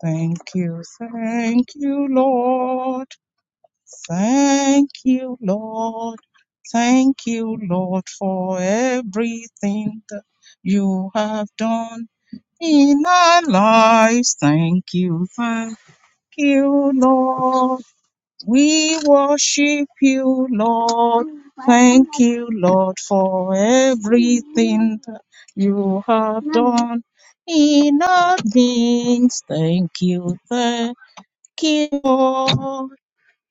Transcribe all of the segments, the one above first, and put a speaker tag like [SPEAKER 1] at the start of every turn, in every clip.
[SPEAKER 1] Thank you, thank you, Lord. Thank you, Lord. Thank you, Lord, for everything that you have done in our lives. Thank you, thank you, Lord. We worship you, Lord. Thank you, Lord, for everything that you have done in our beings. Thank you, thank you, Lord.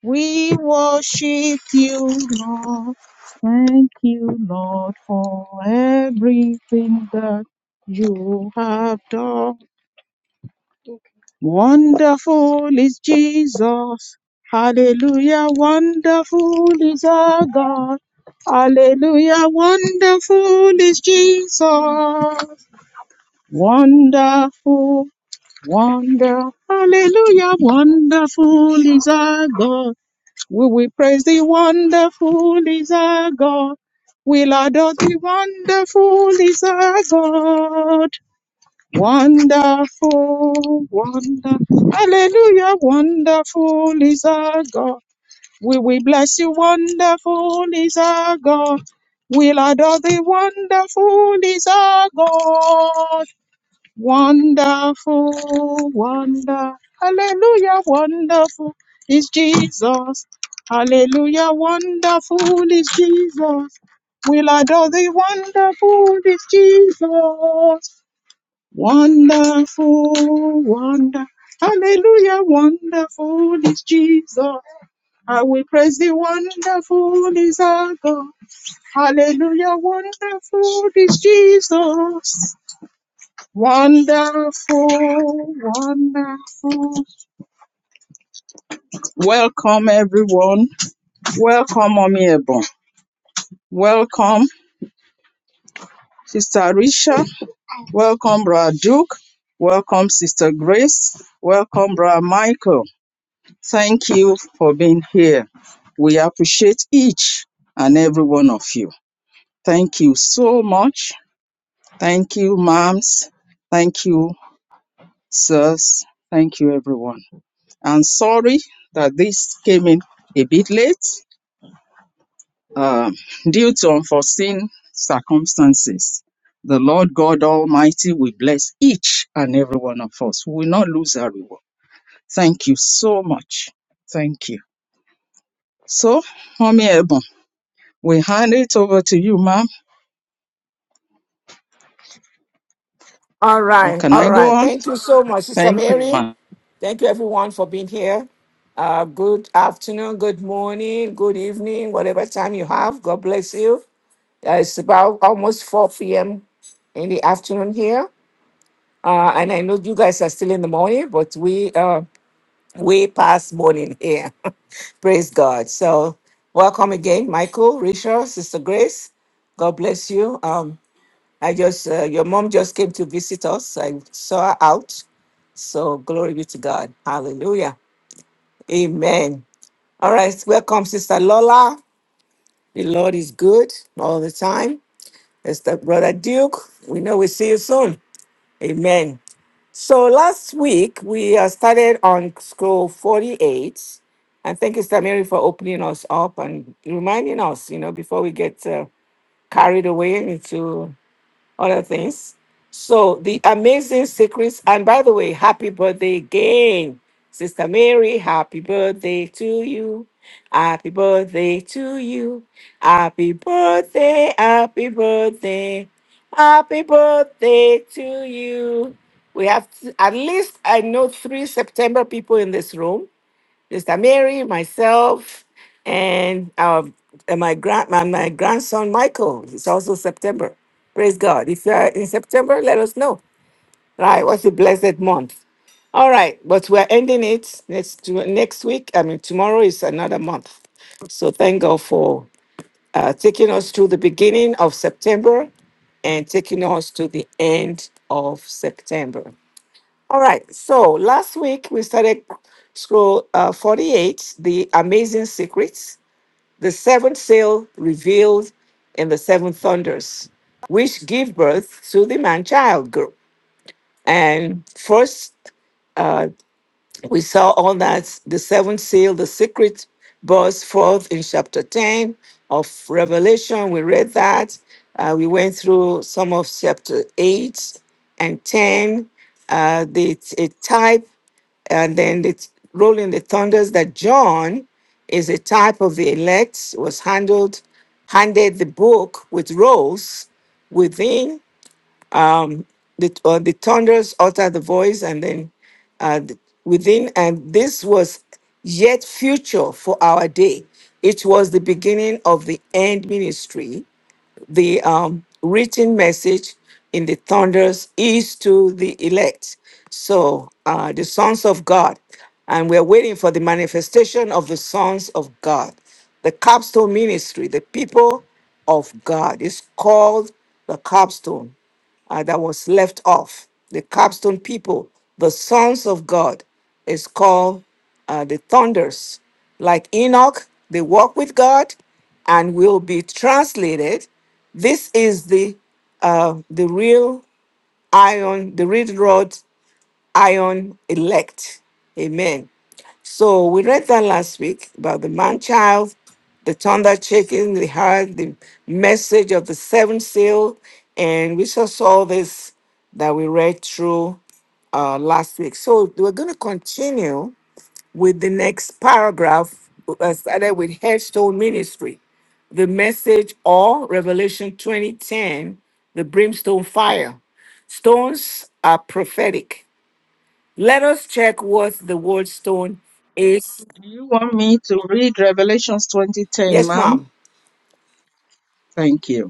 [SPEAKER 1] We worship you, Lord. Thank you, Lord, for everything that you have done. Wonderful is Jesus. Hallelujah. Wonderful is our God. Hallelujah. Wonderful is Jesus. Wonderful Wonder, hallelujah, wonderful is our God. Will we praise the wonderful is our God? We'll adore the wonderful is our God. Wonderful, wonder, hallelujah, wonderful is our God. Will we bless you, wonderful is our God. We'll adore the wonderful is our God. Wonderful, wonder, hallelujah, wonderful is Jesus. Hallelujah, wonderful is Jesus. We'll adore the wonderful is Jesus. Wonderful, wonder, hallelujah, wonderful is Jesus. I will praise the wonderful is our God. Hallelujah, wonderful is Jesus. Wonderful, wonderful. Welcome, everyone. Welcome, Mommy Ebon. Welcome, Sister Risha. Welcome, Brother Duke. Welcome, Sister Grace. Welcome, Brother Michael. Thank you for being here. We appreciate each and every one of you. Thank you so much. Thank you, moms. Thank you, sirs. Thank you, everyone. I'm sorry that this came in a bit late um, due to unforeseen circumstances. The Lord God Almighty will bless each and every one of us. We will not lose our reward. Thank you so much. Thank you. So, Mommy Ebon, we hand it over to you, ma'am.
[SPEAKER 2] All
[SPEAKER 1] Or
[SPEAKER 2] right,
[SPEAKER 1] can
[SPEAKER 2] all
[SPEAKER 1] I go
[SPEAKER 2] right.
[SPEAKER 1] on?
[SPEAKER 2] Thank you so much, Sister
[SPEAKER 1] Thank you,
[SPEAKER 2] Mary.
[SPEAKER 1] ma'am.
[SPEAKER 2] Thank you, everyone, for being here. Uh, good afternoon, good morning, good evening, whatever time you have. God bless you. Uh, it's about almost 4 p.m. in the afternoon here. Uh, and I know you guys are still in the morning, but we uh, way past morning here. Praise God. So, welcome again, Michael, Richard, Sister Grace. God bless you. Um, I just uh, your mom just came to visit us. I saw her out. So glory be to God. Hallelujah. Amen. All right. Welcome, Sister Lola. The Lord is good all the time. Sister Brother Duke. We know we see you soon. Amen. So last week we uh, started on scroll 48. And thank you, Sister Mary, for opening us up and reminding us, you know, before we get uh, carried away into other things. So the amazing secrets, and by the way, happy birthday again, Sister Mary. Happy birthday to you. Happy birthday to you. Happy birthday, happy birthday, happy birthday to you. We have th- at least I know three September people in this room Sister Mary, myself, and um, and my grand my, my grandson Michael. It's also September. Praise God. If you are in September, let us know. Right, what's a blessed month? All right, but we're ending it next to next week. I mean, tomorrow is another month. So thank God for uh, taking us to the beginning of September and taking us to the end of September. All right. So last week we started scroll uh, 48, the amazing secrets, the seventh seal revealed in the seven thunders, which give birth to the man child group. And first, uh, we saw all that the seventh seal, the secret burst forth in chapter 10 of Revelation. We read that. Uh, we went through some of chapter 8 and 10. Uh, the, a type and then the th- rolling the thunders that John is a type of the elect was handled handed the book with rolls within the uh, the thunders utter the voice and then uh, th- within and this was yet future for our day it was the beginning of the end ministry the um, written message in the thunders is to the elect. So, uh, the sons of God, and we're waiting for the manifestation of the sons of God. The capstone ministry, the people of God, is called the capstone uh, that was left off. The capstone people, the sons of God, is called uh, the thunders. Like Enoch, they walk with God and will be translated. This is the uh, the real iron, the real rod iron elect. Amen. So we read that last week about the man child, the thunder shaking the heart, the message of the seventh seal, and we just saw this that we read through uh, last week. So we're going to continue with the next paragraph, uh, started with Headstone Ministry, the message or Revelation 2010, the brimstone fire. Stones are prophetic let us check what the word stone is.
[SPEAKER 1] Do you want me to read Revelations 2010,
[SPEAKER 2] Yes,
[SPEAKER 1] ma'am?
[SPEAKER 2] ma'am.
[SPEAKER 1] Thank you.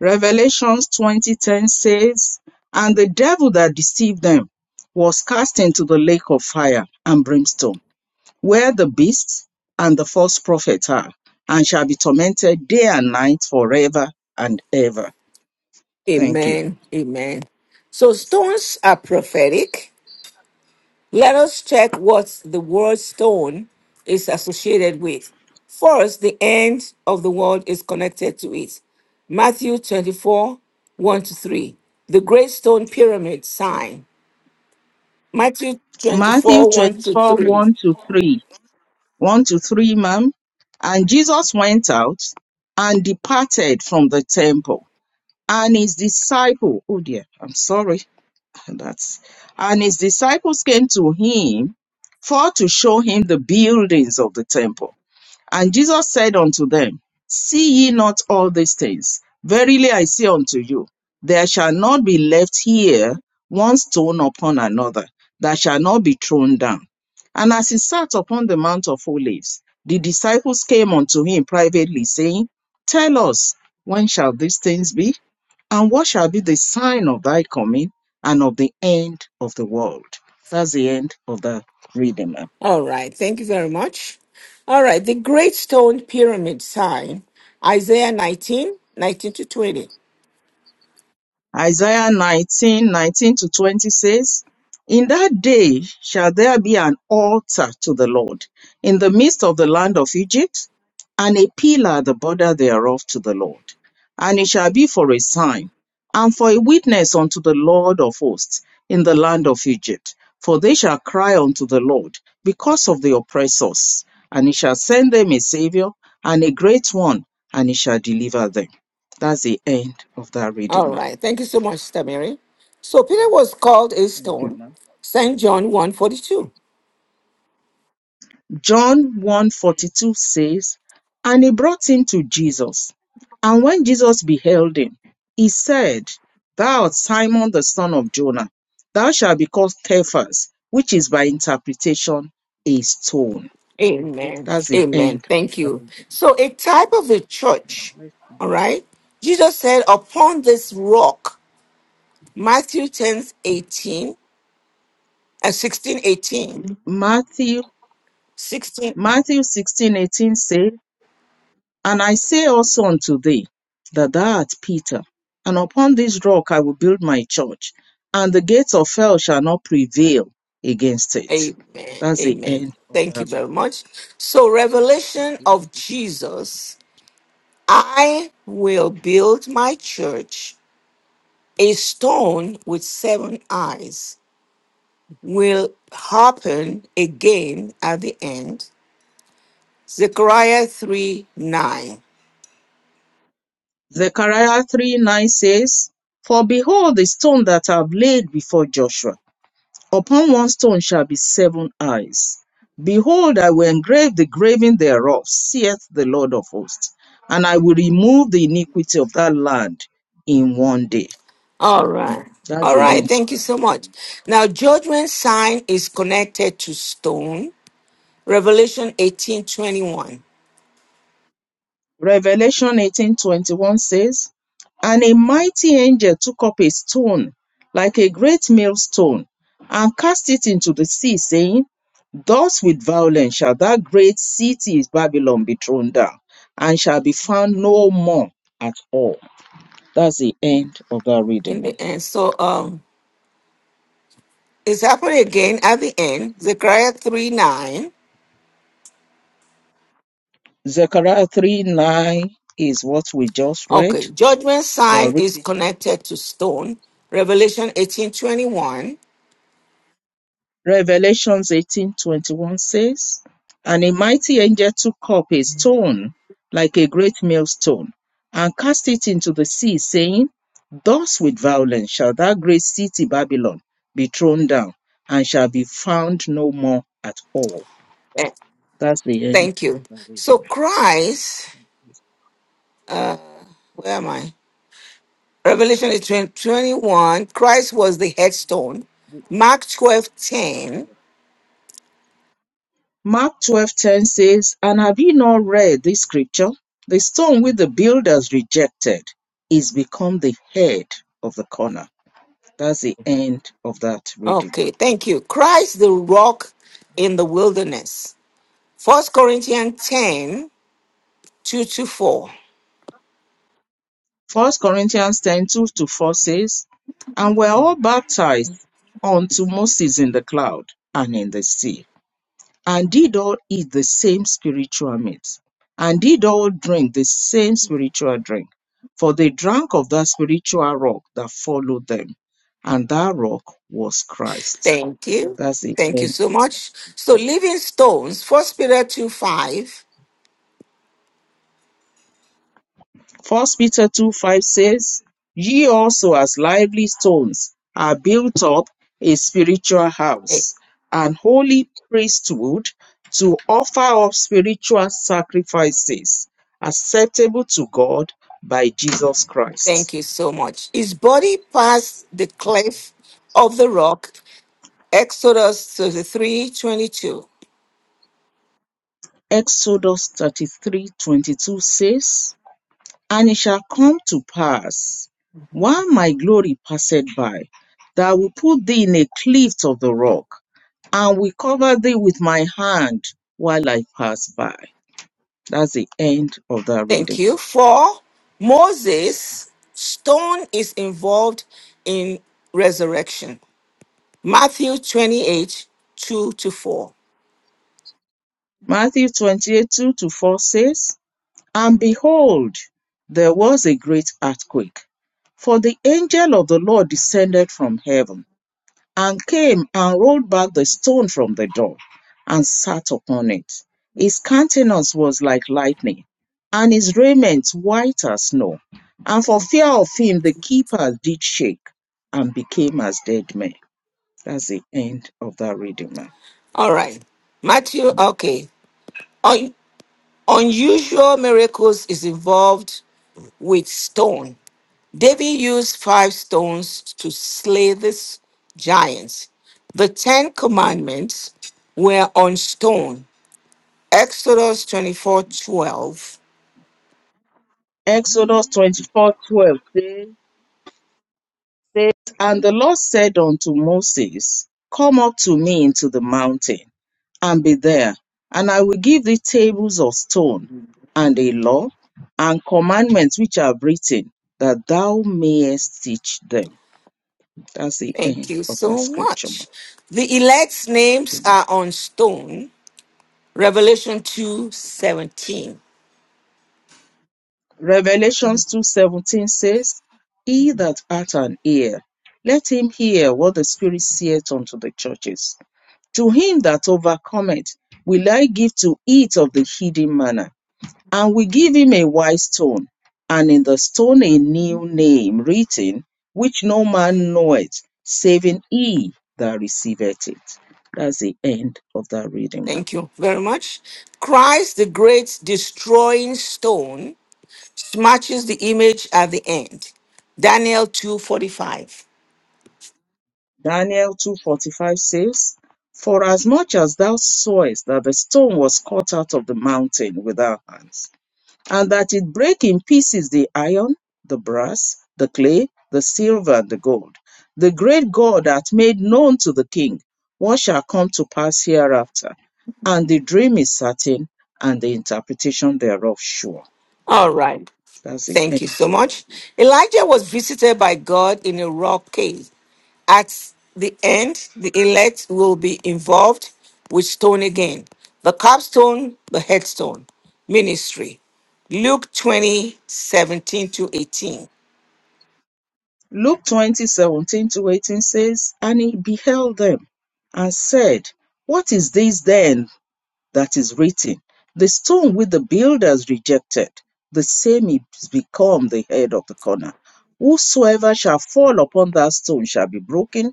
[SPEAKER 1] Revelations 20:10 says, And the devil that deceived them was cast into the lake of fire and brimstone, where the beast and the false prophet are, and shall be tormented day and night forever and ever. Thank you.
[SPEAKER 2] Amen. Amen. So stones are prophetic. Let us check what the word stone is associated with. First, the end of the world is connected to it. Matthew 24, 1 to 3. The great stone pyramid sign. Matthew
[SPEAKER 1] Matthew
[SPEAKER 2] 24, 1 to
[SPEAKER 1] 24,
[SPEAKER 2] 3.
[SPEAKER 1] 1 to 3. 1 to 3, ma'am. And Jesus went out and departed from the temple, and his disciple, oh dear, I'm sorry And that's and his disciples came to him for to show him the buildings of the temple. And Jesus said unto them, See ye not all these things? Verily I say unto you, there shall not be left here one stone upon another that shall not be thrown down. And as he sat upon the Mount of Olives, the disciples came unto him privately, saying, Tell us, when shall these things be? And what shall be the sign of thy coming and of the end of the world? That's the end of the reading.
[SPEAKER 2] All right, thank you very much. All right, the Great Stone Pyramid sign, Isaiah 19, 19 to 20.
[SPEAKER 1] Isaiah 19 19 to 20 says, In that day shall there be an altar to the Lord in the midst of the land of Egypt, and a pillar at the border thereof to the Lord. And it shall be for a sign, and for a witness unto the Lord of hosts in the land of Egypt. For they shall cry unto the Lord because of the oppressors, and he shall send them a Savior, and a great one, and he shall deliver them. That's the end of that reading,
[SPEAKER 2] All
[SPEAKER 1] ma'am.
[SPEAKER 2] right, thank you so much, Sister Mary. So Peter was called a
[SPEAKER 1] Thank you,
[SPEAKER 2] stone,
[SPEAKER 1] ma'am.
[SPEAKER 2] St. John one forty two.
[SPEAKER 1] John 1:42 says, And he brought him to Jesus. And when Jesus beheld him, he said, Thou art Simon the son of Jonah, thou shalt be called Cephas, which is by interpretation a stone.
[SPEAKER 2] Amen.
[SPEAKER 1] That's the
[SPEAKER 2] Amen.
[SPEAKER 1] end. Of
[SPEAKER 2] Thank you.
[SPEAKER 1] Abba.
[SPEAKER 2] So a type of the church, all right? Jesus said, upon this rock, Matthew 10 18 and 16,
[SPEAKER 1] Matthew
[SPEAKER 2] eighteen.
[SPEAKER 1] Matthew 16:18 says, And I say also unto thee that thou art Peter, and upon this rock I will build my church, and the gates of hell shall not prevail against it.
[SPEAKER 2] Amen.
[SPEAKER 1] That's the
[SPEAKER 2] Amen.
[SPEAKER 1] end of
[SPEAKER 2] Thank you
[SPEAKER 1] that
[SPEAKER 2] very
[SPEAKER 1] reading.
[SPEAKER 2] much. So,
[SPEAKER 1] God
[SPEAKER 2] revelation
[SPEAKER 1] bless
[SPEAKER 2] of
[SPEAKER 1] you.
[SPEAKER 2] Jesus I will build my church. A stone with seven eyes will happen again at the end. Zechariah 3 9.
[SPEAKER 1] Zechariah 3 9 says, For behold, the stone that I have laid before Joshua, upon one stone shall be seven eyes. Behold, I will engrave the graving thereof, saith the Lord of hosts, and I will remove the iniquity of that land in one day.
[SPEAKER 2] All right.
[SPEAKER 1] That's
[SPEAKER 2] All
[SPEAKER 1] the
[SPEAKER 2] right.
[SPEAKER 1] end.
[SPEAKER 2] Thank you so much. Now, judgment sign is connected to stone. Revelation eighteen twenty one.
[SPEAKER 1] Revelation eighteen twenty one says, And a mighty angel took up a stone, like a great millstone, and cast it into the sea, saying, Thus with violence shall that great city Babylon be thrown down, and shall be found no more at all. That's the end of that reading.
[SPEAKER 2] In
[SPEAKER 1] ma'am.
[SPEAKER 2] the end. So, um. It's happening again at the end, Zechariah 3 9.
[SPEAKER 1] Zechariah 3 9 is what we just read.
[SPEAKER 2] Okay, judgment
[SPEAKER 1] Well,
[SPEAKER 2] sign
[SPEAKER 1] read
[SPEAKER 2] is
[SPEAKER 1] it again.
[SPEAKER 2] connected to stone, Revelation eighteen twenty one.
[SPEAKER 1] Revelations 18:21 says, And a mighty angel took up a stone like a great millstone and cast it into the sea, saying, Thus with violence shall that great city Babylon be thrown down and shall be found no more at all. That's the end
[SPEAKER 2] Thank
[SPEAKER 1] of
[SPEAKER 2] you.
[SPEAKER 1] the
[SPEAKER 2] So
[SPEAKER 1] reading.
[SPEAKER 2] Christ, where am I? Revelation 18 21. Christ was the headstone. Mark twelve ten.
[SPEAKER 1] Mark 12:10 says, And have ye not read this scripture? The stone which the builders rejected is become the head of the corner That's the end of that reading.
[SPEAKER 2] Okay, thank you. Christ the rock in the wilderness. First Corinthians 10 2 to 4.
[SPEAKER 1] First Corinthians 10 2 to 4 says, And we're all baptized unto Moses in the cloud and in the sea, and did all eat the same spiritual meat, and did all drink the same spiritual drink. For they drank of that spiritual rock that followed them, and that rock was Christ.
[SPEAKER 2] Thank you.
[SPEAKER 1] That's the
[SPEAKER 2] Thank you
[SPEAKER 1] end.
[SPEAKER 2] so much. So, Living Stones, First Peter 2 5.
[SPEAKER 1] First Peter two five says, Ye also as lively stones are built up a spiritual
[SPEAKER 2] Eh,
[SPEAKER 1] house, an holy priesthood to offer up spiritual sacrifices acceptable to God by Jesus Christ.
[SPEAKER 2] Thank you so much. His body passed the cliff of the rock, Exodus thirty three twenty two.
[SPEAKER 1] Exodus 33:22 says, And it shall come to pass, while my glory passeth by, that I will put thee in a cleft of the rock, and will cover thee with my hand while I pass by. That's the end of that
[SPEAKER 2] Thank
[SPEAKER 1] reading.
[SPEAKER 2] you. For Moses, stone is involved in resurrection. Matthew 28 2 to 4.
[SPEAKER 1] Matthew 28 2 to 4 says, And behold, there was a great earthquake, for the angel of the Lord descended from heaven and came and rolled back the stone from the door and sat upon it. His countenance was like lightning, and his raiment white as snow. And for fear of him, the keepers did shake and became as dead men. That's the end of that reading, ma'am.
[SPEAKER 2] All right. Matthew, okay. Un- unusual miracles is involved with stone. David used five stones to slay this giants. The Ten Commandments were on stone. Exodus 24, 12.
[SPEAKER 1] Exodus twenty-four twelve. And the Lord said unto Moses, Come up to me into the mountain and be there. And I will give thee tables of stone, and a law, and commandments which are written, that thou mayest teach them. That's the
[SPEAKER 2] Thank
[SPEAKER 1] end
[SPEAKER 2] you
[SPEAKER 1] of that
[SPEAKER 2] so
[SPEAKER 1] scripture. ma'am.
[SPEAKER 2] much. The elect's
[SPEAKER 1] Thank you,
[SPEAKER 2] names
[SPEAKER 1] ma'am.
[SPEAKER 2] are on stone. Revelation 2, 17.
[SPEAKER 1] Revelations 2.17 says, He that hath an ear, let him hear what the Spirit saith unto the churches. To him that overcometh will I give to eat of the hidden manna And we give him a wise stone, and in the stone a new name written, which no man knoweth, saving he that receiveth it. That's the end of that reading, ma'am.
[SPEAKER 2] Thank you very much. Christ, the great destroying stone, smashes the image at the end. Daniel 2, 45.
[SPEAKER 1] Daniel 2.45 says, For as much as thou sawest that the stone was cut out of the mountain with our hands, and that it break in pieces the iron, the brass, the clay, the silver, and the gold. The great God hath made known to the king what shall come to pass hereafter. And the dream is certain, and the interpretation thereof sure.
[SPEAKER 2] All right.
[SPEAKER 1] That's it.
[SPEAKER 2] Thank
[SPEAKER 1] Eh,
[SPEAKER 2] you so much. Elijah was visited by God in a rock cave. At the end, the elect will be involved with stone again. The capstone, the headstone, ministry. Luke 20 17 to 18.
[SPEAKER 1] Luke twenty seventeen to 18 says, And he beheld them and said, What is this then that is written, The stone which the builders rejected, the same is become the head of the corner. Whosoever shall fall upon that stone shall be broken,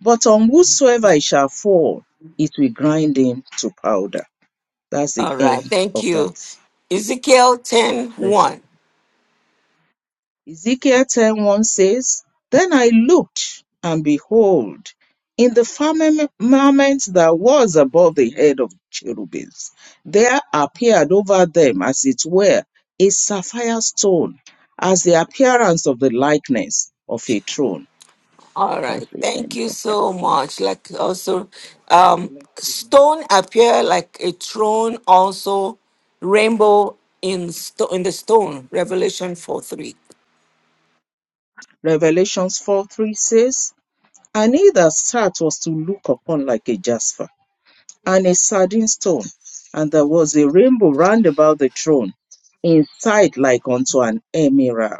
[SPEAKER 1] but on whosoever it shall fall, it will grind him to powder. That's the
[SPEAKER 2] All right,
[SPEAKER 1] end
[SPEAKER 2] thank
[SPEAKER 1] of that.
[SPEAKER 2] you. Ezekiel
[SPEAKER 1] Let's
[SPEAKER 2] 10,
[SPEAKER 1] Ezekiel 10:1 says, Then I looked, and behold, in the firmament that was above the head of cherubims, there appeared over them, as it were, a sapphire stone, as the appearance of the likeness of a throne.
[SPEAKER 2] All
[SPEAKER 1] That's
[SPEAKER 2] right.
[SPEAKER 1] the
[SPEAKER 2] Thank
[SPEAKER 1] end
[SPEAKER 2] you
[SPEAKER 1] of that.
[SPEAKER 2] so much. Like also,
[SPEAKER 1] God
[SPEAKER 2] um,
[SPEAKER 1] bless you.
[SPEAKER 2] stone appear like a throne. Also, rainbow in stone in the stone. Revelation four three.
[SPEAKER 1] Revelations 4 3 says, And he that sat was to look upon like a jasper, and a sardine stone, and there was a rainbow round about the throne, inside like unto an emerald.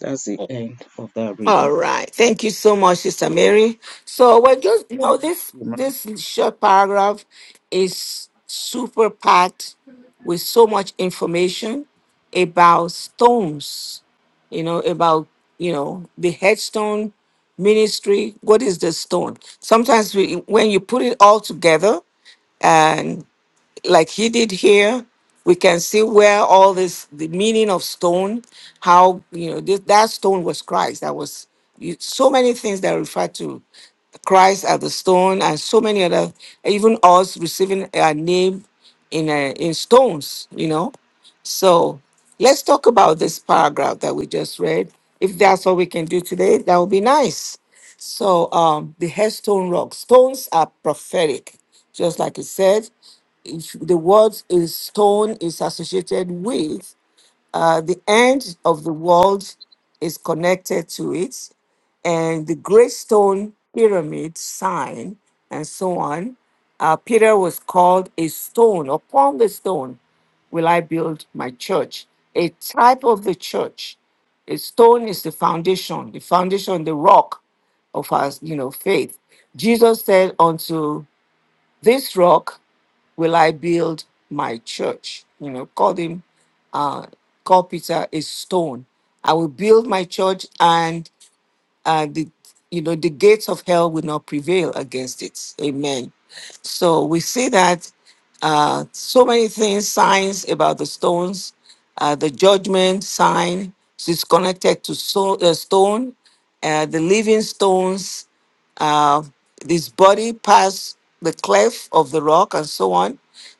[SPEAKER 1] That's the end of that
[SPEAKER 2] All
[SPEAKER 1] reading.
[SPEAKER 2] right. Thank you so much, Sister Mary. So we're just you
[SPEAKER 1] God
[SPEAKER 2] know
[SPEAKER 1] Bless
[SPEAKER 2] this
[SPEAKER 1] you, ma'am.
[SPEAKER 2] this short paragraph is super packed with so much information about stones, you know, about you know the headstone ministry. What is the stone? Sometimes we when you put it all together like he did here we can see where all this the meaning of stone how you know this, that stone was christ that was you- so many things that refer to christ as the stone and so many other even us receiving a name in a, in stones you know so let's talk about this paragraph that we just read. If that's what we can do today, that would be nice. So um, the headstone rock stones are prophetic, just like it said. If the word is stone is associated with uh, the end of the world is connected to it and the great stone pyramid sign and so on uh, peter was called a stone upon the stone will i build my church a type of the church a stone is the foundation the foundation the rock of our you know faith jesus said unto this rock will i build my church you know called him uh call peter a stone i will build my church and and the, you know the gates of hell will not prevail against it amen so we see that uh, so many things signs about the stones uh, the judgment sign is connected to so, uh, stone uh, the living stones uh, his body passed the cleft of the rock and so on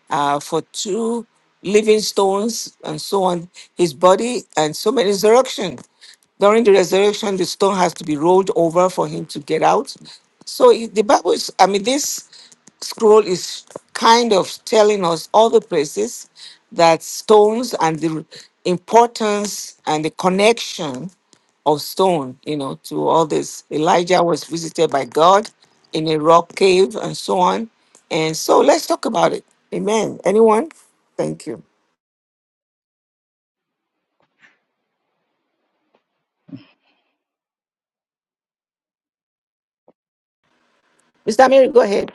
[SPEAKER 2] uh, for two living stones and so on. His body and so many resurrection. During the resurrection, the stone has to be rolled over for him to get out. So it- the Bible is, I mean, this scroll is kind of telling us all the places that stones and the importance and the connection of stone, you know, to all this. Elijah was visited by God in a rock cave and so on. And so let's talk about it. Amen. Anyone? Thank you. Mr. Mary, go ahead.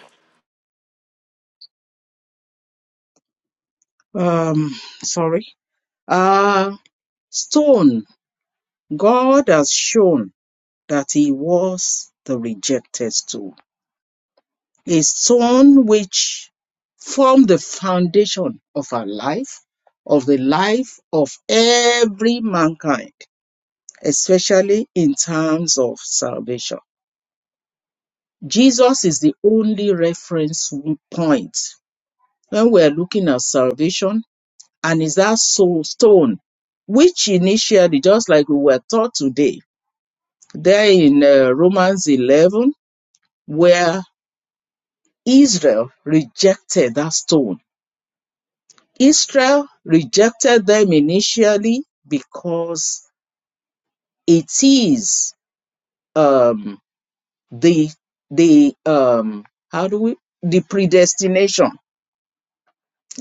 [SPEAKER 1] Um, sorry. Uh stone. God has shown that he was the rejected stone. A stone which formed the foundation of our life, of the life of every mankind especially in terms of salvation. Jesus is the only reference point when we're looking at salvation, and is that soul stone, which initially, just like we were taught today, there in uh, Romans 11, where Israel rejected that stone. Israel rejected them initially because it is um, the the um how do we the predestination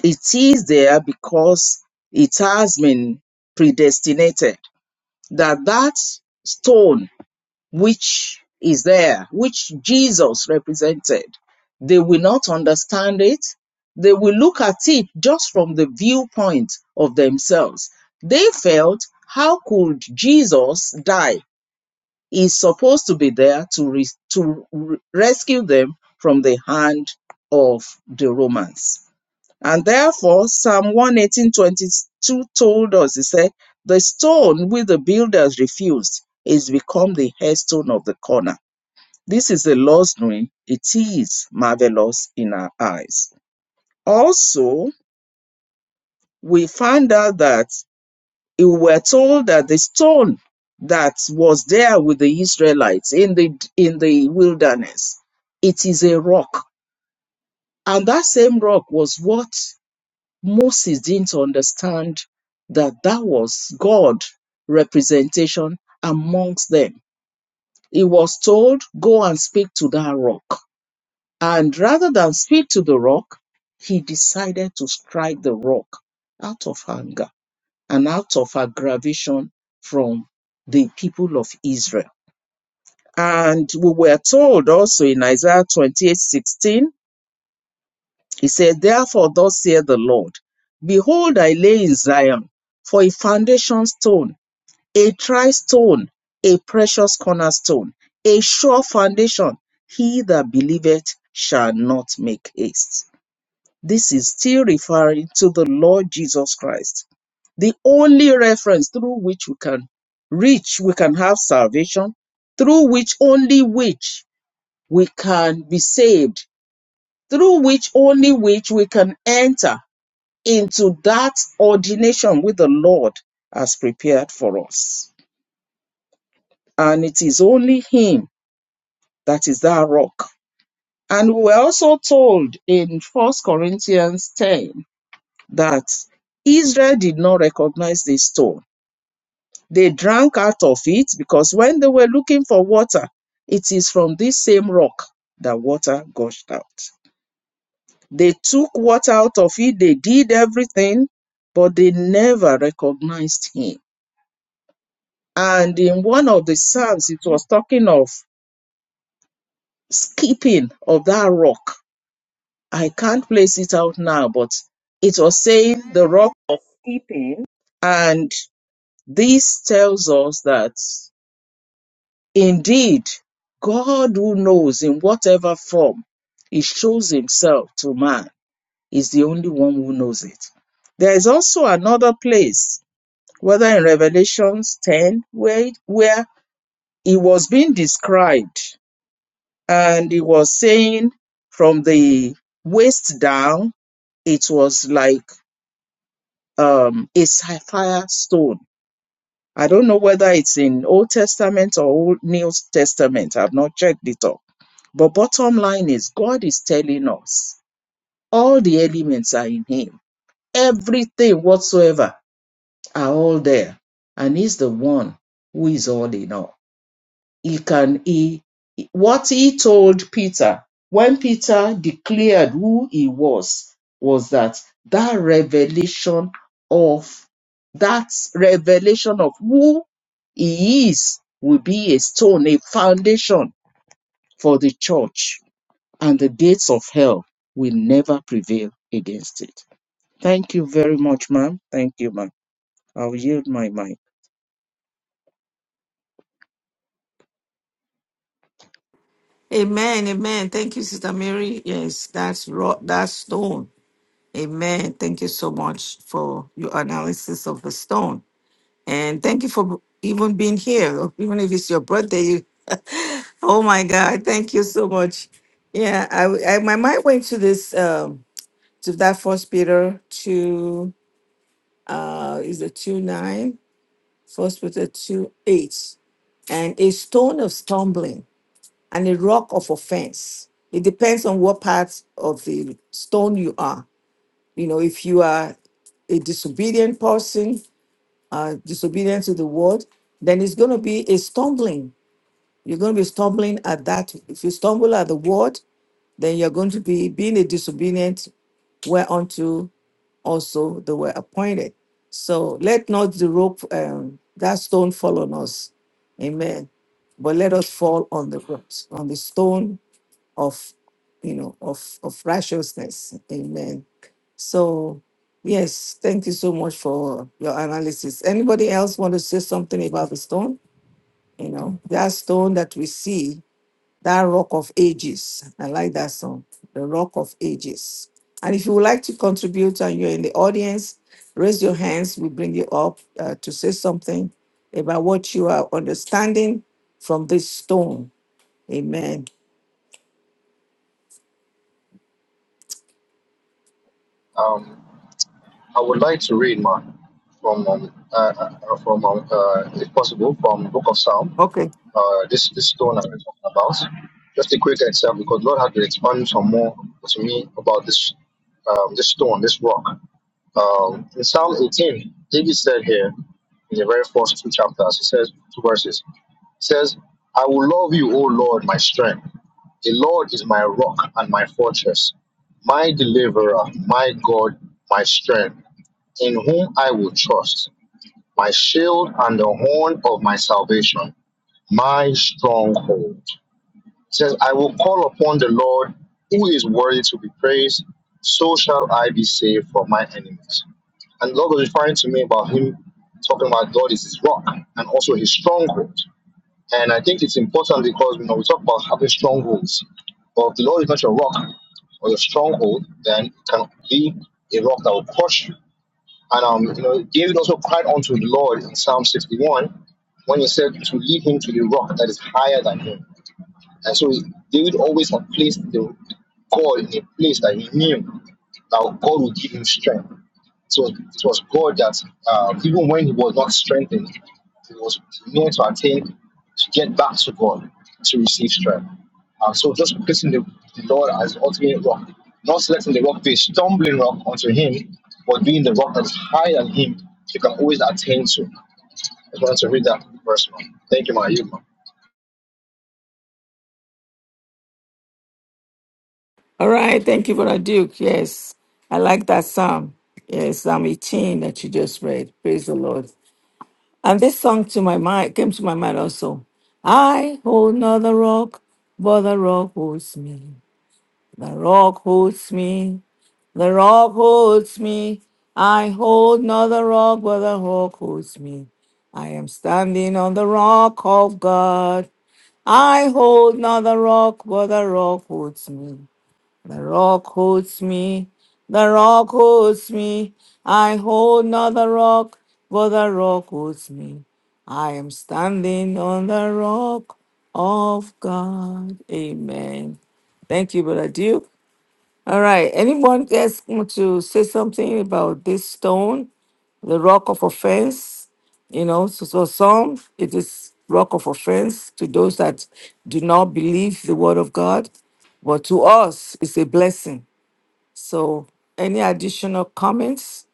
[SPEAKER 1] it is there because it has been predestinated that that stone which is there which jesus represented they will not understand it they will look at it just from the viewpoint of themselves they felt how could jesus die is supposed to be there to, res- to re- rescue them from the hand of the Romans. And therefore, Psalm 118.22 told us, he said, the stone which the builders refused is become the headstone of the corner. This is the Lord's doing. It is marvelous in our eyes. Also, we find out that we were told that the stone that was there with the Israelites in the in the wilderness, it is a rock. And that same rock was what Moses didn't understand that that was God representation amongst them. He was told, go and speak to that rock. And rather than speak to the rock, he decided to strike the rock out of anger and out of aggravation from the people of Israel. And we were told also in Isaiah twenty-eight sixteen, he said, Therefore, thus saith the Lord, Behold, I lay in Zion for a foundation stone, a tri stone, a precious cornerstone, a sure foundation. He that believeth shall not make haste. This is still referring to the Lord Jesus Christ the only reference through which we can reach, we can have salvation, through which only which we can be saved, through which only which we can enter into that ordination with the Lord has prepared for us. And it is only Him that is that rock. And we were also told in First Corinthians 10 that Israel did not recognize this stone They drank out of it because when they were looking for water, it is from this same rock that water gushed out. They took water out of it, they did everything, but they never recognized him. And in one of the Psalms, it was talking of skipping of that rock. I can't place it out now, but it was saying the rock, and this tells us that Indeed, God who knows in whatever form he shows himself to man is the only one who knows it. There is also another place, whether in Revelations 10, where, it- where he was being described and he was saying from the waist down, it was like um, a sapphire stone. I don't know whether it's in Old Testament or Old New Testament. I've not checked it up But bottom line is, God is telling us all the elements are in Him. Everything whatsoever are all there. And He's the one who is all in all. He can, He, what He told Peter when Peter declared who He was, was that that revelation of, that revelation of who He is will be a stone, a foundation for the church and the gates of hell will never prevail against it. Thank you very much, ma'am. Thank you, ma'am. I'll yield my mic.
[SPEAKER 2] Amen. Amen. Thank you, Sister Mary. Yes, that's rock, that's stone. Amen. Thank you so much for your analysis of the stone. And thank you for even being here. Even if it's your birthday. You, oh my God. Thank you so much. Yeah, I, I my mind went to this. Um, to that first Peter two uh is a two nine, first Peter two eight, and a stone of stumbling and a rock of offense. It depends on what part of the stone you are. You know, if you are a disobedient person, uh, disobedient to the word, then it's going to be a stumbling. You're going to be stumbling at that. If you stumble at the word, then you're going to be being a disobedient whereunto also they were appointed. So let not the rope, um, that stone fall on us. Amen. But let us fall on the ropes, on the stone of, you know, of, of righteousness. Amen. So, yes, thank you so much for your analysis. Anybody else want to say something about the stone? You know, that stone that we see that Rock of Ages. I like that song, The Rock of Ages. And if you would like to contribute and you're in the audience, raise your hands. We bring you up uh, to say something about what you are understanding from this stone. Amen.
[SPEAKER 3] Um, I would like to read man from um, uh, uh, from um, uh, if possible from Book of Psalm.
[SPEAKER 2] Okay.
[SPEAKER 3] Uh, this this stone that we're talking about. Just a quick example because Lord had to expand some more to me about this um, this stone, this rock. Um, in Psalm 18, David said here in the very first two chapters, he says two verses. He says, "I will love you, O Lord, my strength. The Lord is my rock and my fortress, my deliverer, my God, my strength." in whom I will trust, my shield and the horn of my salvation, my stronghold. It says, I will call upon the Lord who is worthy to be praised, so shall I be saved from my enemies. And Lord was referring to me about him talking about God is his rock and also his stronghold. And I think it's important because you know we talk about having strongholds. But if the Lord is not your rock or your stronghold, then it can be a rock that will crush you and um, you know, David also cried unto the Lord in Psalm 61 when he said to lead him to the rock that is higher than him. And so David always had placed the God in a place that he knew that God would give him strength. It was, it was God that, uh, even when he was not strengthened, he was known to attain, to get back to God, to receive strength. Uh, so just placing the, the Lord as the ultimate rock, not letting the rock be a stumbling rock unto him, but being the rock that's higher than him, you can always attain to. I just wanted to read that verse, man. Thank you, my youth, man.
[SPEAKER 2] All right. Thank you, Brother Duke. Yes. I like that psalm. Yes, Psalm 18 that you just read. Praise the Lord. And this song to my mind came to my mind also. I hold not the rock, but the rock holds me. The rock holds me. The rock holds me. I hold not the rock, but the rock holds me. I am standing on the rock of God. I hold not the rock, but the rock holds me. The rock holds me. The rock holds me. I hold not the rock, but the rock holds me. I am standing on the rock of God. Amen. Thank you, Brother Duke. All right. Anyone else want to say something about this stone, the rock of offense? You know, so, so some it is rock of offense to those that do not believe the word of God, but to us it's a blessing. So any additional comments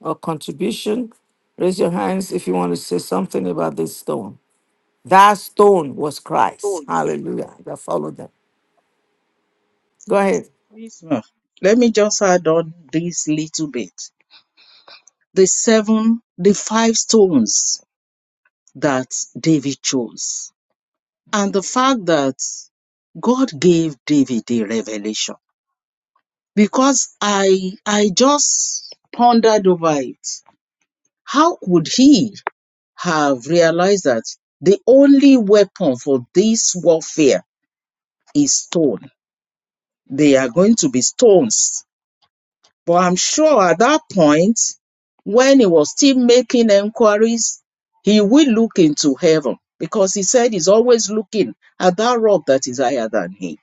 [SPEAKER 2] or contribution? Raise your hands if you want to say something about this stone. That stone was
[SPEAKER 1] Oh,
[SPEAKER 2] Christ. Hallelujah. That followed them. Go ahead.
[SPEAKER 1] please, ma'am. Let me just add on this little bit. The seven, the five stones that David chose, and the fact that God gave David the revelation. Because I, I just pondered over it. How could he have realized that the only weapon for this warfare is stone. They are going to be stones. But I'm sure at that point, when he was still making enquiries, he will look into heaven because he said he's always looking at that rock that is higher than him.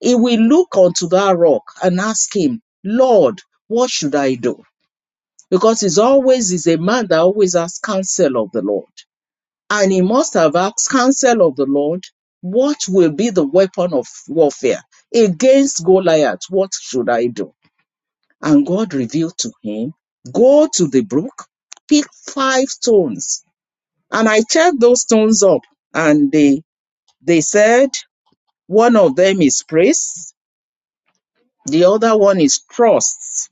[SPEAKER 1] He will look onto that rock and ask him, Lord, what should I do? Because he's always is a man that always asks counsel of the Lord. And he must have asked counsel of the Lord, what will be the weapon of warfare against Goliath? What should I do? And God revealed to him, go to the brook, pick five stones. And I checked those stones up and they, they said, one of them is praise. The other one is trust.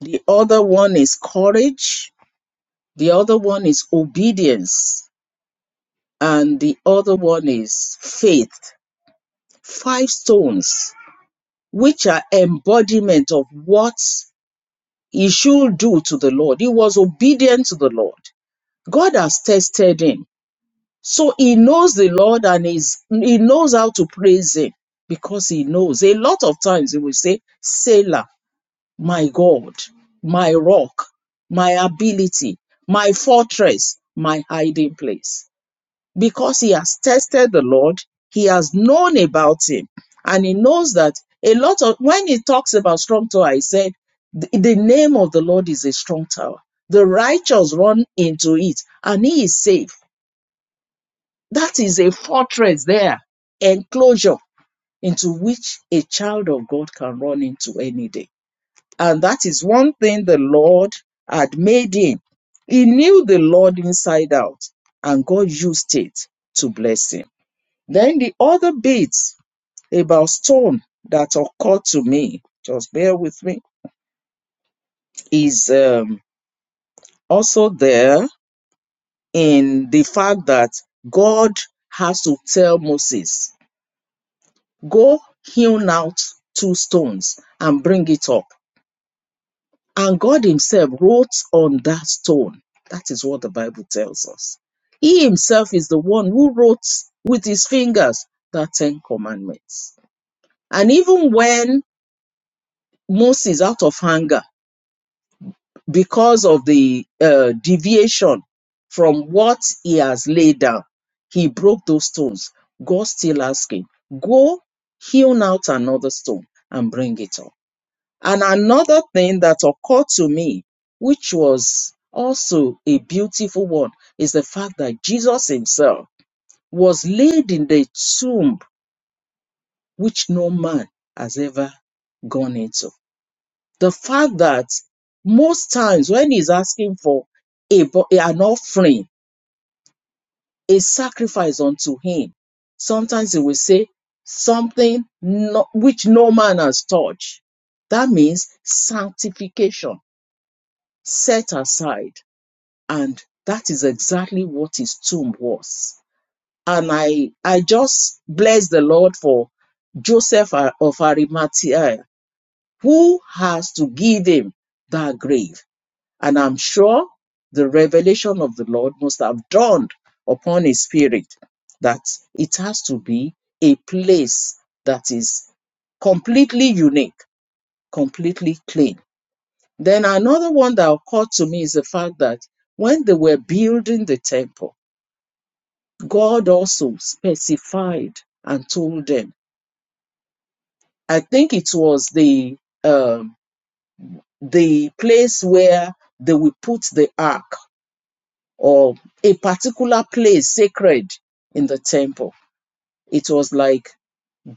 [SPEAKER 1] The other one is courage. The other one is obedience. And the other one is faith. five stones, which are embodiment of what he should do to the Lord. He was obedient to the Lord. God has tested him. So he knows the Lord and is he knows how to praise him because he knows. A lot of times he will say, Sailor, my God, my rock, my ability, my fortress, my hiding place because he has tested the Lord, he has known about him, and he knows that a lot of when he talks about strong tower, he said, The the name of the Lord is a strong tower. The righteous run into it, and he is safe. That is a fortress there, enclosure into which a child of God can run into any day. And that is one thing the Lord had made him. He knew the Lord inside out, and God used it to bless him. Then the other bits about stone that occurred to me, just bear with me, is um, also there in the fact that God has to tell Moses, go hewn out two stones and bring it up. And God himself wrote on that stone. That is what the Bible tells us. He himself is the one who wrote with his fingers the Ten Commandments. And even when Moses, out of anger, because of the uh, deviation from what he has laid down, he broke those stones. God still asking, go hewn out another stone and bring it up. And another thing that occurred to me, which was also a beautiful one, is the fact that Jesus himself was laid in the tomb which no man has ever gone into the fact that most times when he's asking for a, bo- an offering, a sacrifice unto him, sometimes he will say something no, which no man has touched. That means sanctification, set aside. And that is exactly what his tomb was. And I, I just bless the Lord for Joseph uh, of Arimathea, who has to give him that grave And I'm sure the revelation of the Lord must have dawned upon his spirit that it has to be a place that is completely unique, completely clean. Then another one that occurred to me is the fact that when they were building the temple, God also specified and told them. I think it was the um, the place where they will put the ark or a particular place sacred in the temple. It was like,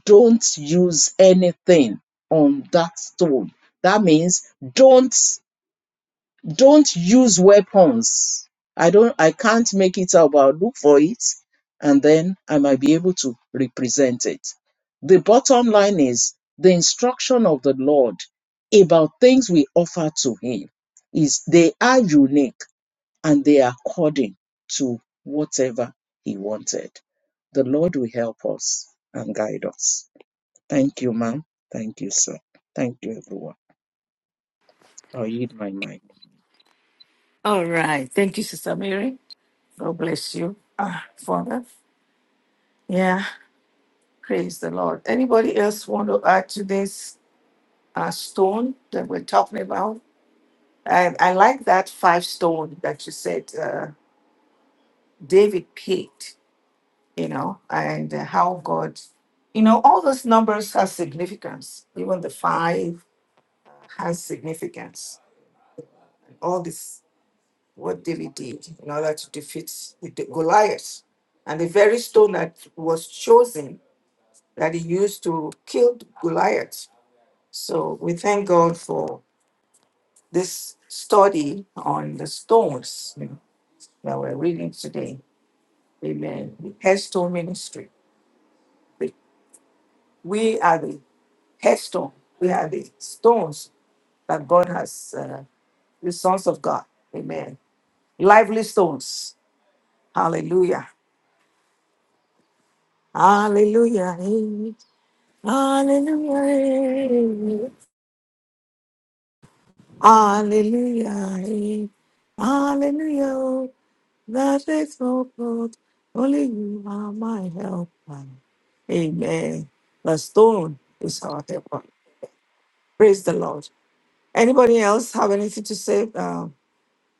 [SPEAKER 1] don't use anything on that stone. That means don't don't use weapons. I don't I can't make it out, but I'll look for it and then I might be able to represent it. The bottom line is the instruction of the Lord about things we offer to him is they are unique and they are according to whatever He wanted. The Lord will help us and guide us. Thank you, ma'am. Thank you, sir. Thank you, everyone. I'll yield my mic.
[SPEAKER 2] All right. Thank you, Sister Mary. God bless you, ah, Father. Yeah, praise the Lord. Anybody else want to add to this uh, stone that we're talking about? I, I like that five stone that you said uh, David picked, you know, and uh, how God, you know, all those numbers have significance. Even the five has significance. All this, what David did in order to defeat the Goliath. And the very stone that was chosen that he used to kill Goliath. So we thank God for this study on the stones you know, that we're reading today. Amen. The headstone ministry. We we are the headstone. We are the stones that God has, uh, the sons of God. Amen. Lively stones. Hallelujah. Hallelujah. eh. Hallelujah. eh. Hallelujah. eh. Hallelujah. That is so good. Only you are my helper. Amen. The stone is our helper. Praise the Lord. Anybody else have anything to say uh,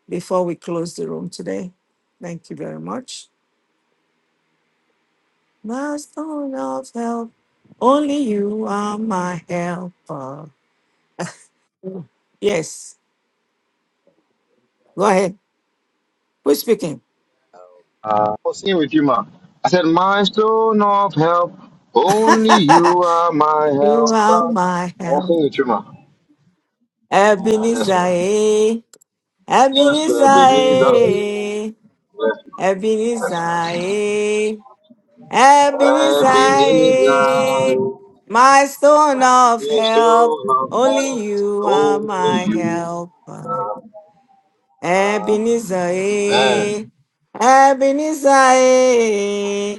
[SPEAKER 2] before we close the room today? Thank you very much. The stone of help. Only you are my helper. Yes. Go ahead. Who's speaking?
[SPEAKER 3] Uh, I was singing with you, man. I said, My stone of help, only you are my
[SPEAKER 2] You
[SPEAKER 3] help.
[SPEAKER 2] are my
[SPEAKER 3] I was
[SPEAKER 2] help.
[SPEAKER 3] singing with you, man. Yes,
[SPEAKER 2] Ebenezer.
[SPEAKER 3] man.
[SPEAKER 2] eh?
[SPEAKER 3] Yes,
[SPEAKER 2] Ebenezer.
[SPEAKER 3] Ebenezer. oh,
[SPEAKER 2] eh?
[SPEAKER 3] Yes,
[SPEAKER 2] Ebenezer,
[SPEAKER 3] yes.
[SPEAKER 2] eh, Ebenezer,
[SPEAKER 3] Ebenezer.
[SPEAKER 2] eh, my stone of
[SPEAKER 3] You
[SPEAKER 2] help,
[SPEAKER 3] still
[SPEAKER 2] only
[SPEAKER 3] have
[SPEAKER 2] you are
[SPEAKER 3] only
[SPEAKER 2] my
[SPEAKER 3] you.
[SPEAKER 2] helper. Ebenezer, eh,
[SPEAKER 3] Amen.
[SPEAKER 2] Ebenezer, eh,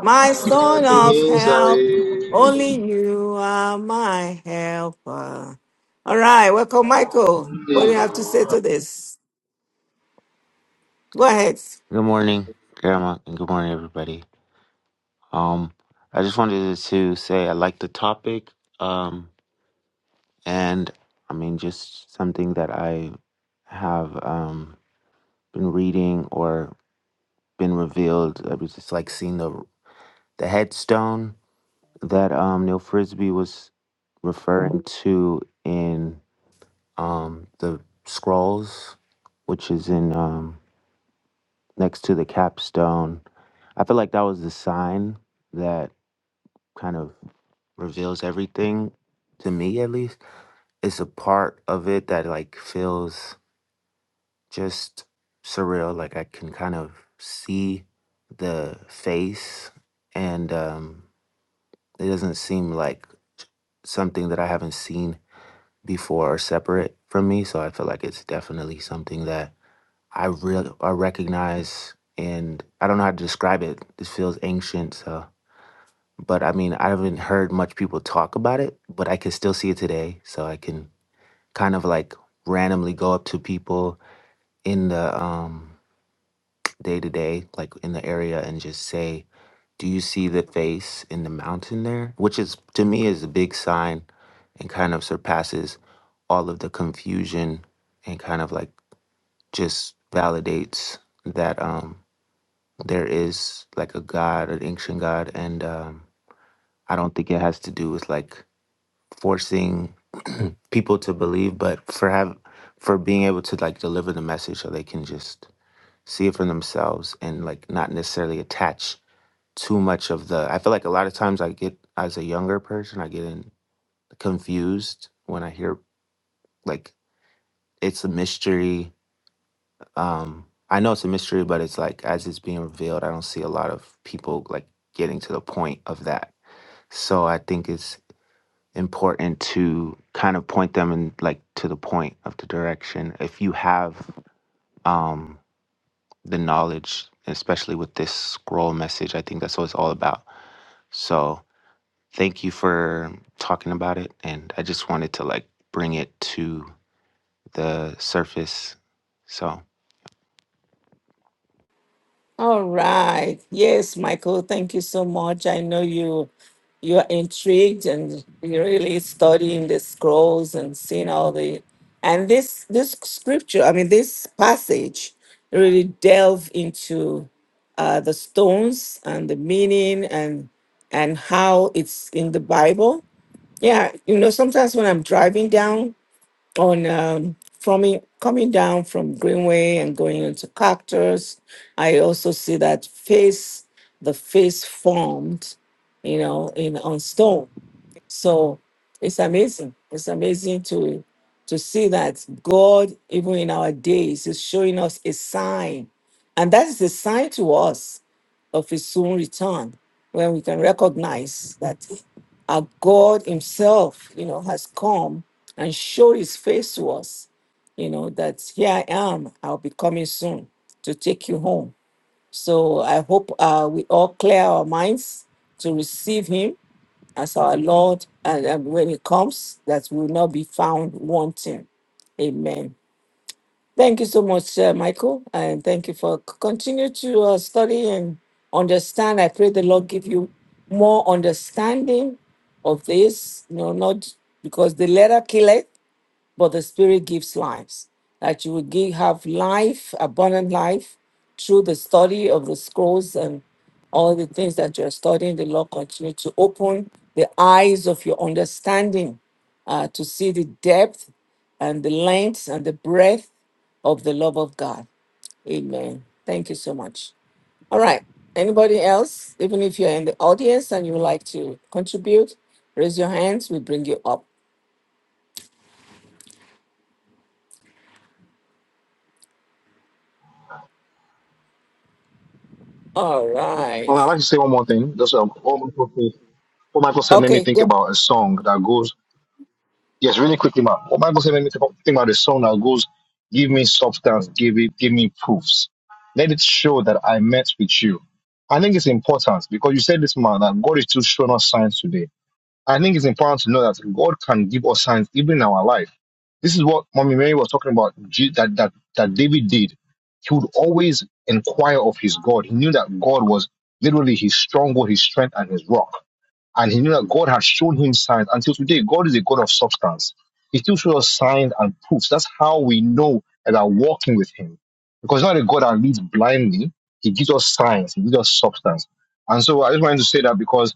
[SPEAKER 2] my stone of
[SPEAKER 3] Ebenezer.
[SPEAKER 2] help,
[SPEAKER 3] Only
[SPEAKER 2] only you are my helper. All right, welcome, Michael. What do you have to
[SPEAKER 3] you.
[SPEAKER 2] say to this? Go ahead.
[SPEAKER 4] Good morning, Grandma, and good morning, everybody. Um, I just wanted to say I like the topic, um, and I mean, just something that I have um, been reading or been revealed. I was just like seeing the the headstone that um, Neil Frisbee was referring to in um, the scrolls, which is in um, next to the capstone. I feel like that was the sign that kind of reveals everything to me at least it's a part of it that like feels just surreal like i can kind of see the face and um it doesn't seem like something that i haven't seen before or separate from me so i feel like it's definitely something that i real i recognize and i don't know how to describe it this feels ancient so but I mean, I haven't heard much people talk about it, but I can still see it today. So I can kind of like randomly go up to people in the um day to day, like in the area, and just say, "Do you see the face in the mountain there?" Which is to me is a big sign, and kind of surpasses all of the confusion, and kind of like just validates that um there is like a god, an ancient god, and um, I don't think it has to do with like forcing people to believe, but for have for being able to like deliver the message so they can just see it for themselves and like not necessarily attach too much of the I feel like a lot of times I get as a younger person I get in confused when I hear like it's a mystery um I know it's a mystery but it's like as it's being revealed I don't see a lot of people like getting to the point of that so I think it's important to kind of point them in like to the point of the direction if you have um the knowledge especially with this scroll message i think that's what it's all about so thank you for talking about it and i just wanted to like bring it to the surface so
[SPEAKER 2] All right. Yes, Michael, thank you so much. I know you you are intrigued and you're really studying the scrolls and seeing all the and this this scripture, I mean this passage really delve into uh the stones and the meaning and and how it's in the Bible. Yeah, you know, sometimes when I'm driving down on um, from coming down from Greenway and going into Cactus. I also see that face, the face formed, you know, in on stone. So it's amazing. It's amazing to to see that God, even in our days, is showing us a sign, and that is a sign to us of his soon return, when we can recognize that our God Himself, you know, has come and showed His face to us, you know, that here I am, I'll be coming soon to take you home. So I hope uh, we all clear our minds to receive Him as our Lord, and, and when He comes, that we will not be found wanting. Amen. Thank you so much, uh, Michael, and thank you for c- continue to uh, study and understand. I pray the Lord give you more understanding of this. You know, not because the letter killeth, but the Spirit gives lives. That you will give, have life, abundant life, through the study of the scrolls and all the things that you're studying. The Lord continue to open the eyes of your understanding uh, to see the depth and the length and the breadth of the love of God. Amen. Thank you so much. All right. Anybody else, even if you're in the audience and you would like to contribute, raise your hands. We bring you up. All right.
[SPEAKER 3] Well, I'd like to say one more thing. Just um, one microphone. What Michael said made me
[SPEAKER 2] Okay,
[SPEAKER 3] think
[SPEAKER 2] go.
[SPEAKER 3] about a song that goes Yes, really quickly, man. What Bible says, when we think about the song that goes, "Give me substance, give it, give me proofs. Let it show that I met with you." I think it's important because you said this, man, that God is still showing us signs today. I think it's important to know that God can give us signs even in our life. This is what Mommy Mary was talking about Je- that that that David did. He would always inquire of his God. He knew that God was literally his stronghold, his strength, and his rock. And he knew that God had shown him signs. Until today, God is a God of substance. He still shows us signs and proofs. That's how we know that we're walking with him. Because he's not a God that leads blindly. He gives us signs. He gives us substance. And so I just wanted to say that because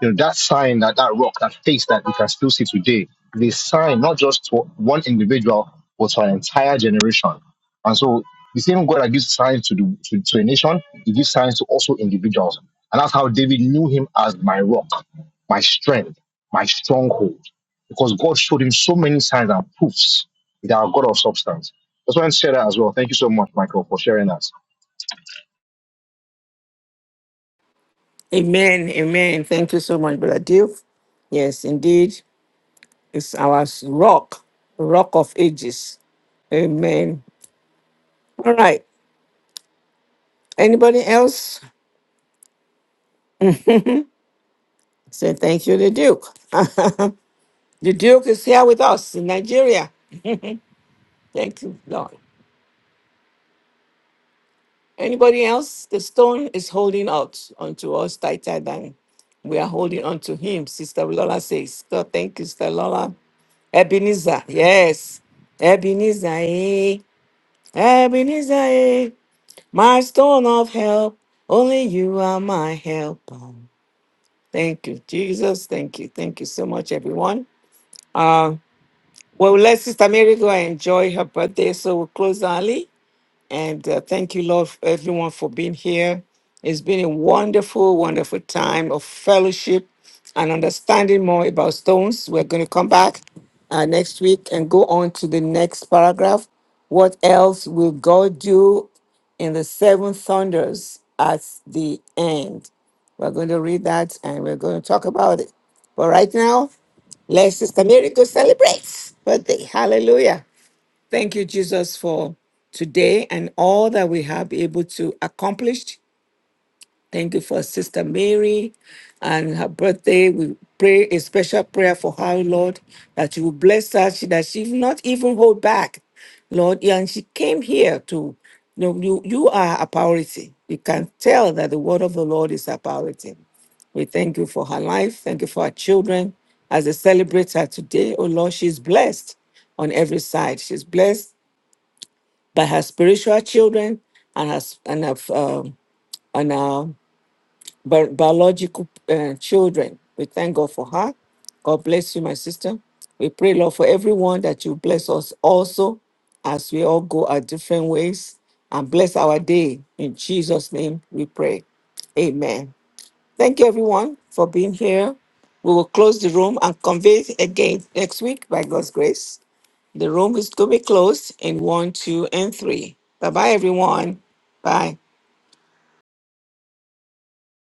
[SPEAKER 3] you know, that sign, that, that rock, that face that we can still see today, is sign not just to one individual, but to an entire generation. And so the same God that gives signs to, the, to, to a nation, he gives signs to also individuals. And that's how David knew him as my rock, my strength, my stronghold, because God showed him so many signs and proofs that our God of substance. That's why I said that as well. Thank you so much, Michael, for sharing that.
[SPEAKER 2] Amen. Amen. Thank you so much, Brother Dave. Yes, indeed. It's our rock, rock of ages. Amen. All right. Anybody else? Say thank you, the Duke. the Duke is here with us in Nigeria. Thank you, Lord. Anybody else? The stone is holding out onto us tighter than we are holding onto him, Sister Lola says. God, thank you, Sister Lola. Ebenezer, yes. Ebenezer, eh? Ebenezer, eh, my stone of help. Only you are my helper. Thank you, Jesus. Thank you. Thank you so much, everyone. Uh, well, let Sister Mary go and enjoy her birthday. So we'll close early. And uh, thank you, Lord, for everyone for being here. It's been a wonderful, wonderful time of fellowship and understanding more about stones. We're going to come back uh, next week and go on to the next paragraph. What else will God do in the seven thunders at the end? We're going to read that and we're going to talk about it. But right now, let Sister Mary go celebrate birthday. Hallelujah. Thank you, Jesus, for today and all that we have been able to accomplish. Thank you for Sister Mary and her birthday. We pray a special prayer for her, Lord, that you will bless her, she- that she will not even hold back, Lord. yeah, And she came here to you, know, you, you are a priority. You can tell that the word of the Lord is a priority. We thank you for her life. Thank you for her children. As they celebrate her today, oh Lord, she's blessed on every side. She's blessed by her spiritual children and her s- and her um, and her bi- biological uh, children. We thank God for her. God bless you, my sister. We pray, Lord, for everyone that you bless us also as we all go our different ways and bless our day. In Jesus' name we pray. Amen. Thank you, everyone, for being here. We will close the room and convene again next week by God's grace. The room is going to be closed in one, two, and three. Bye bye, everyone. Bye.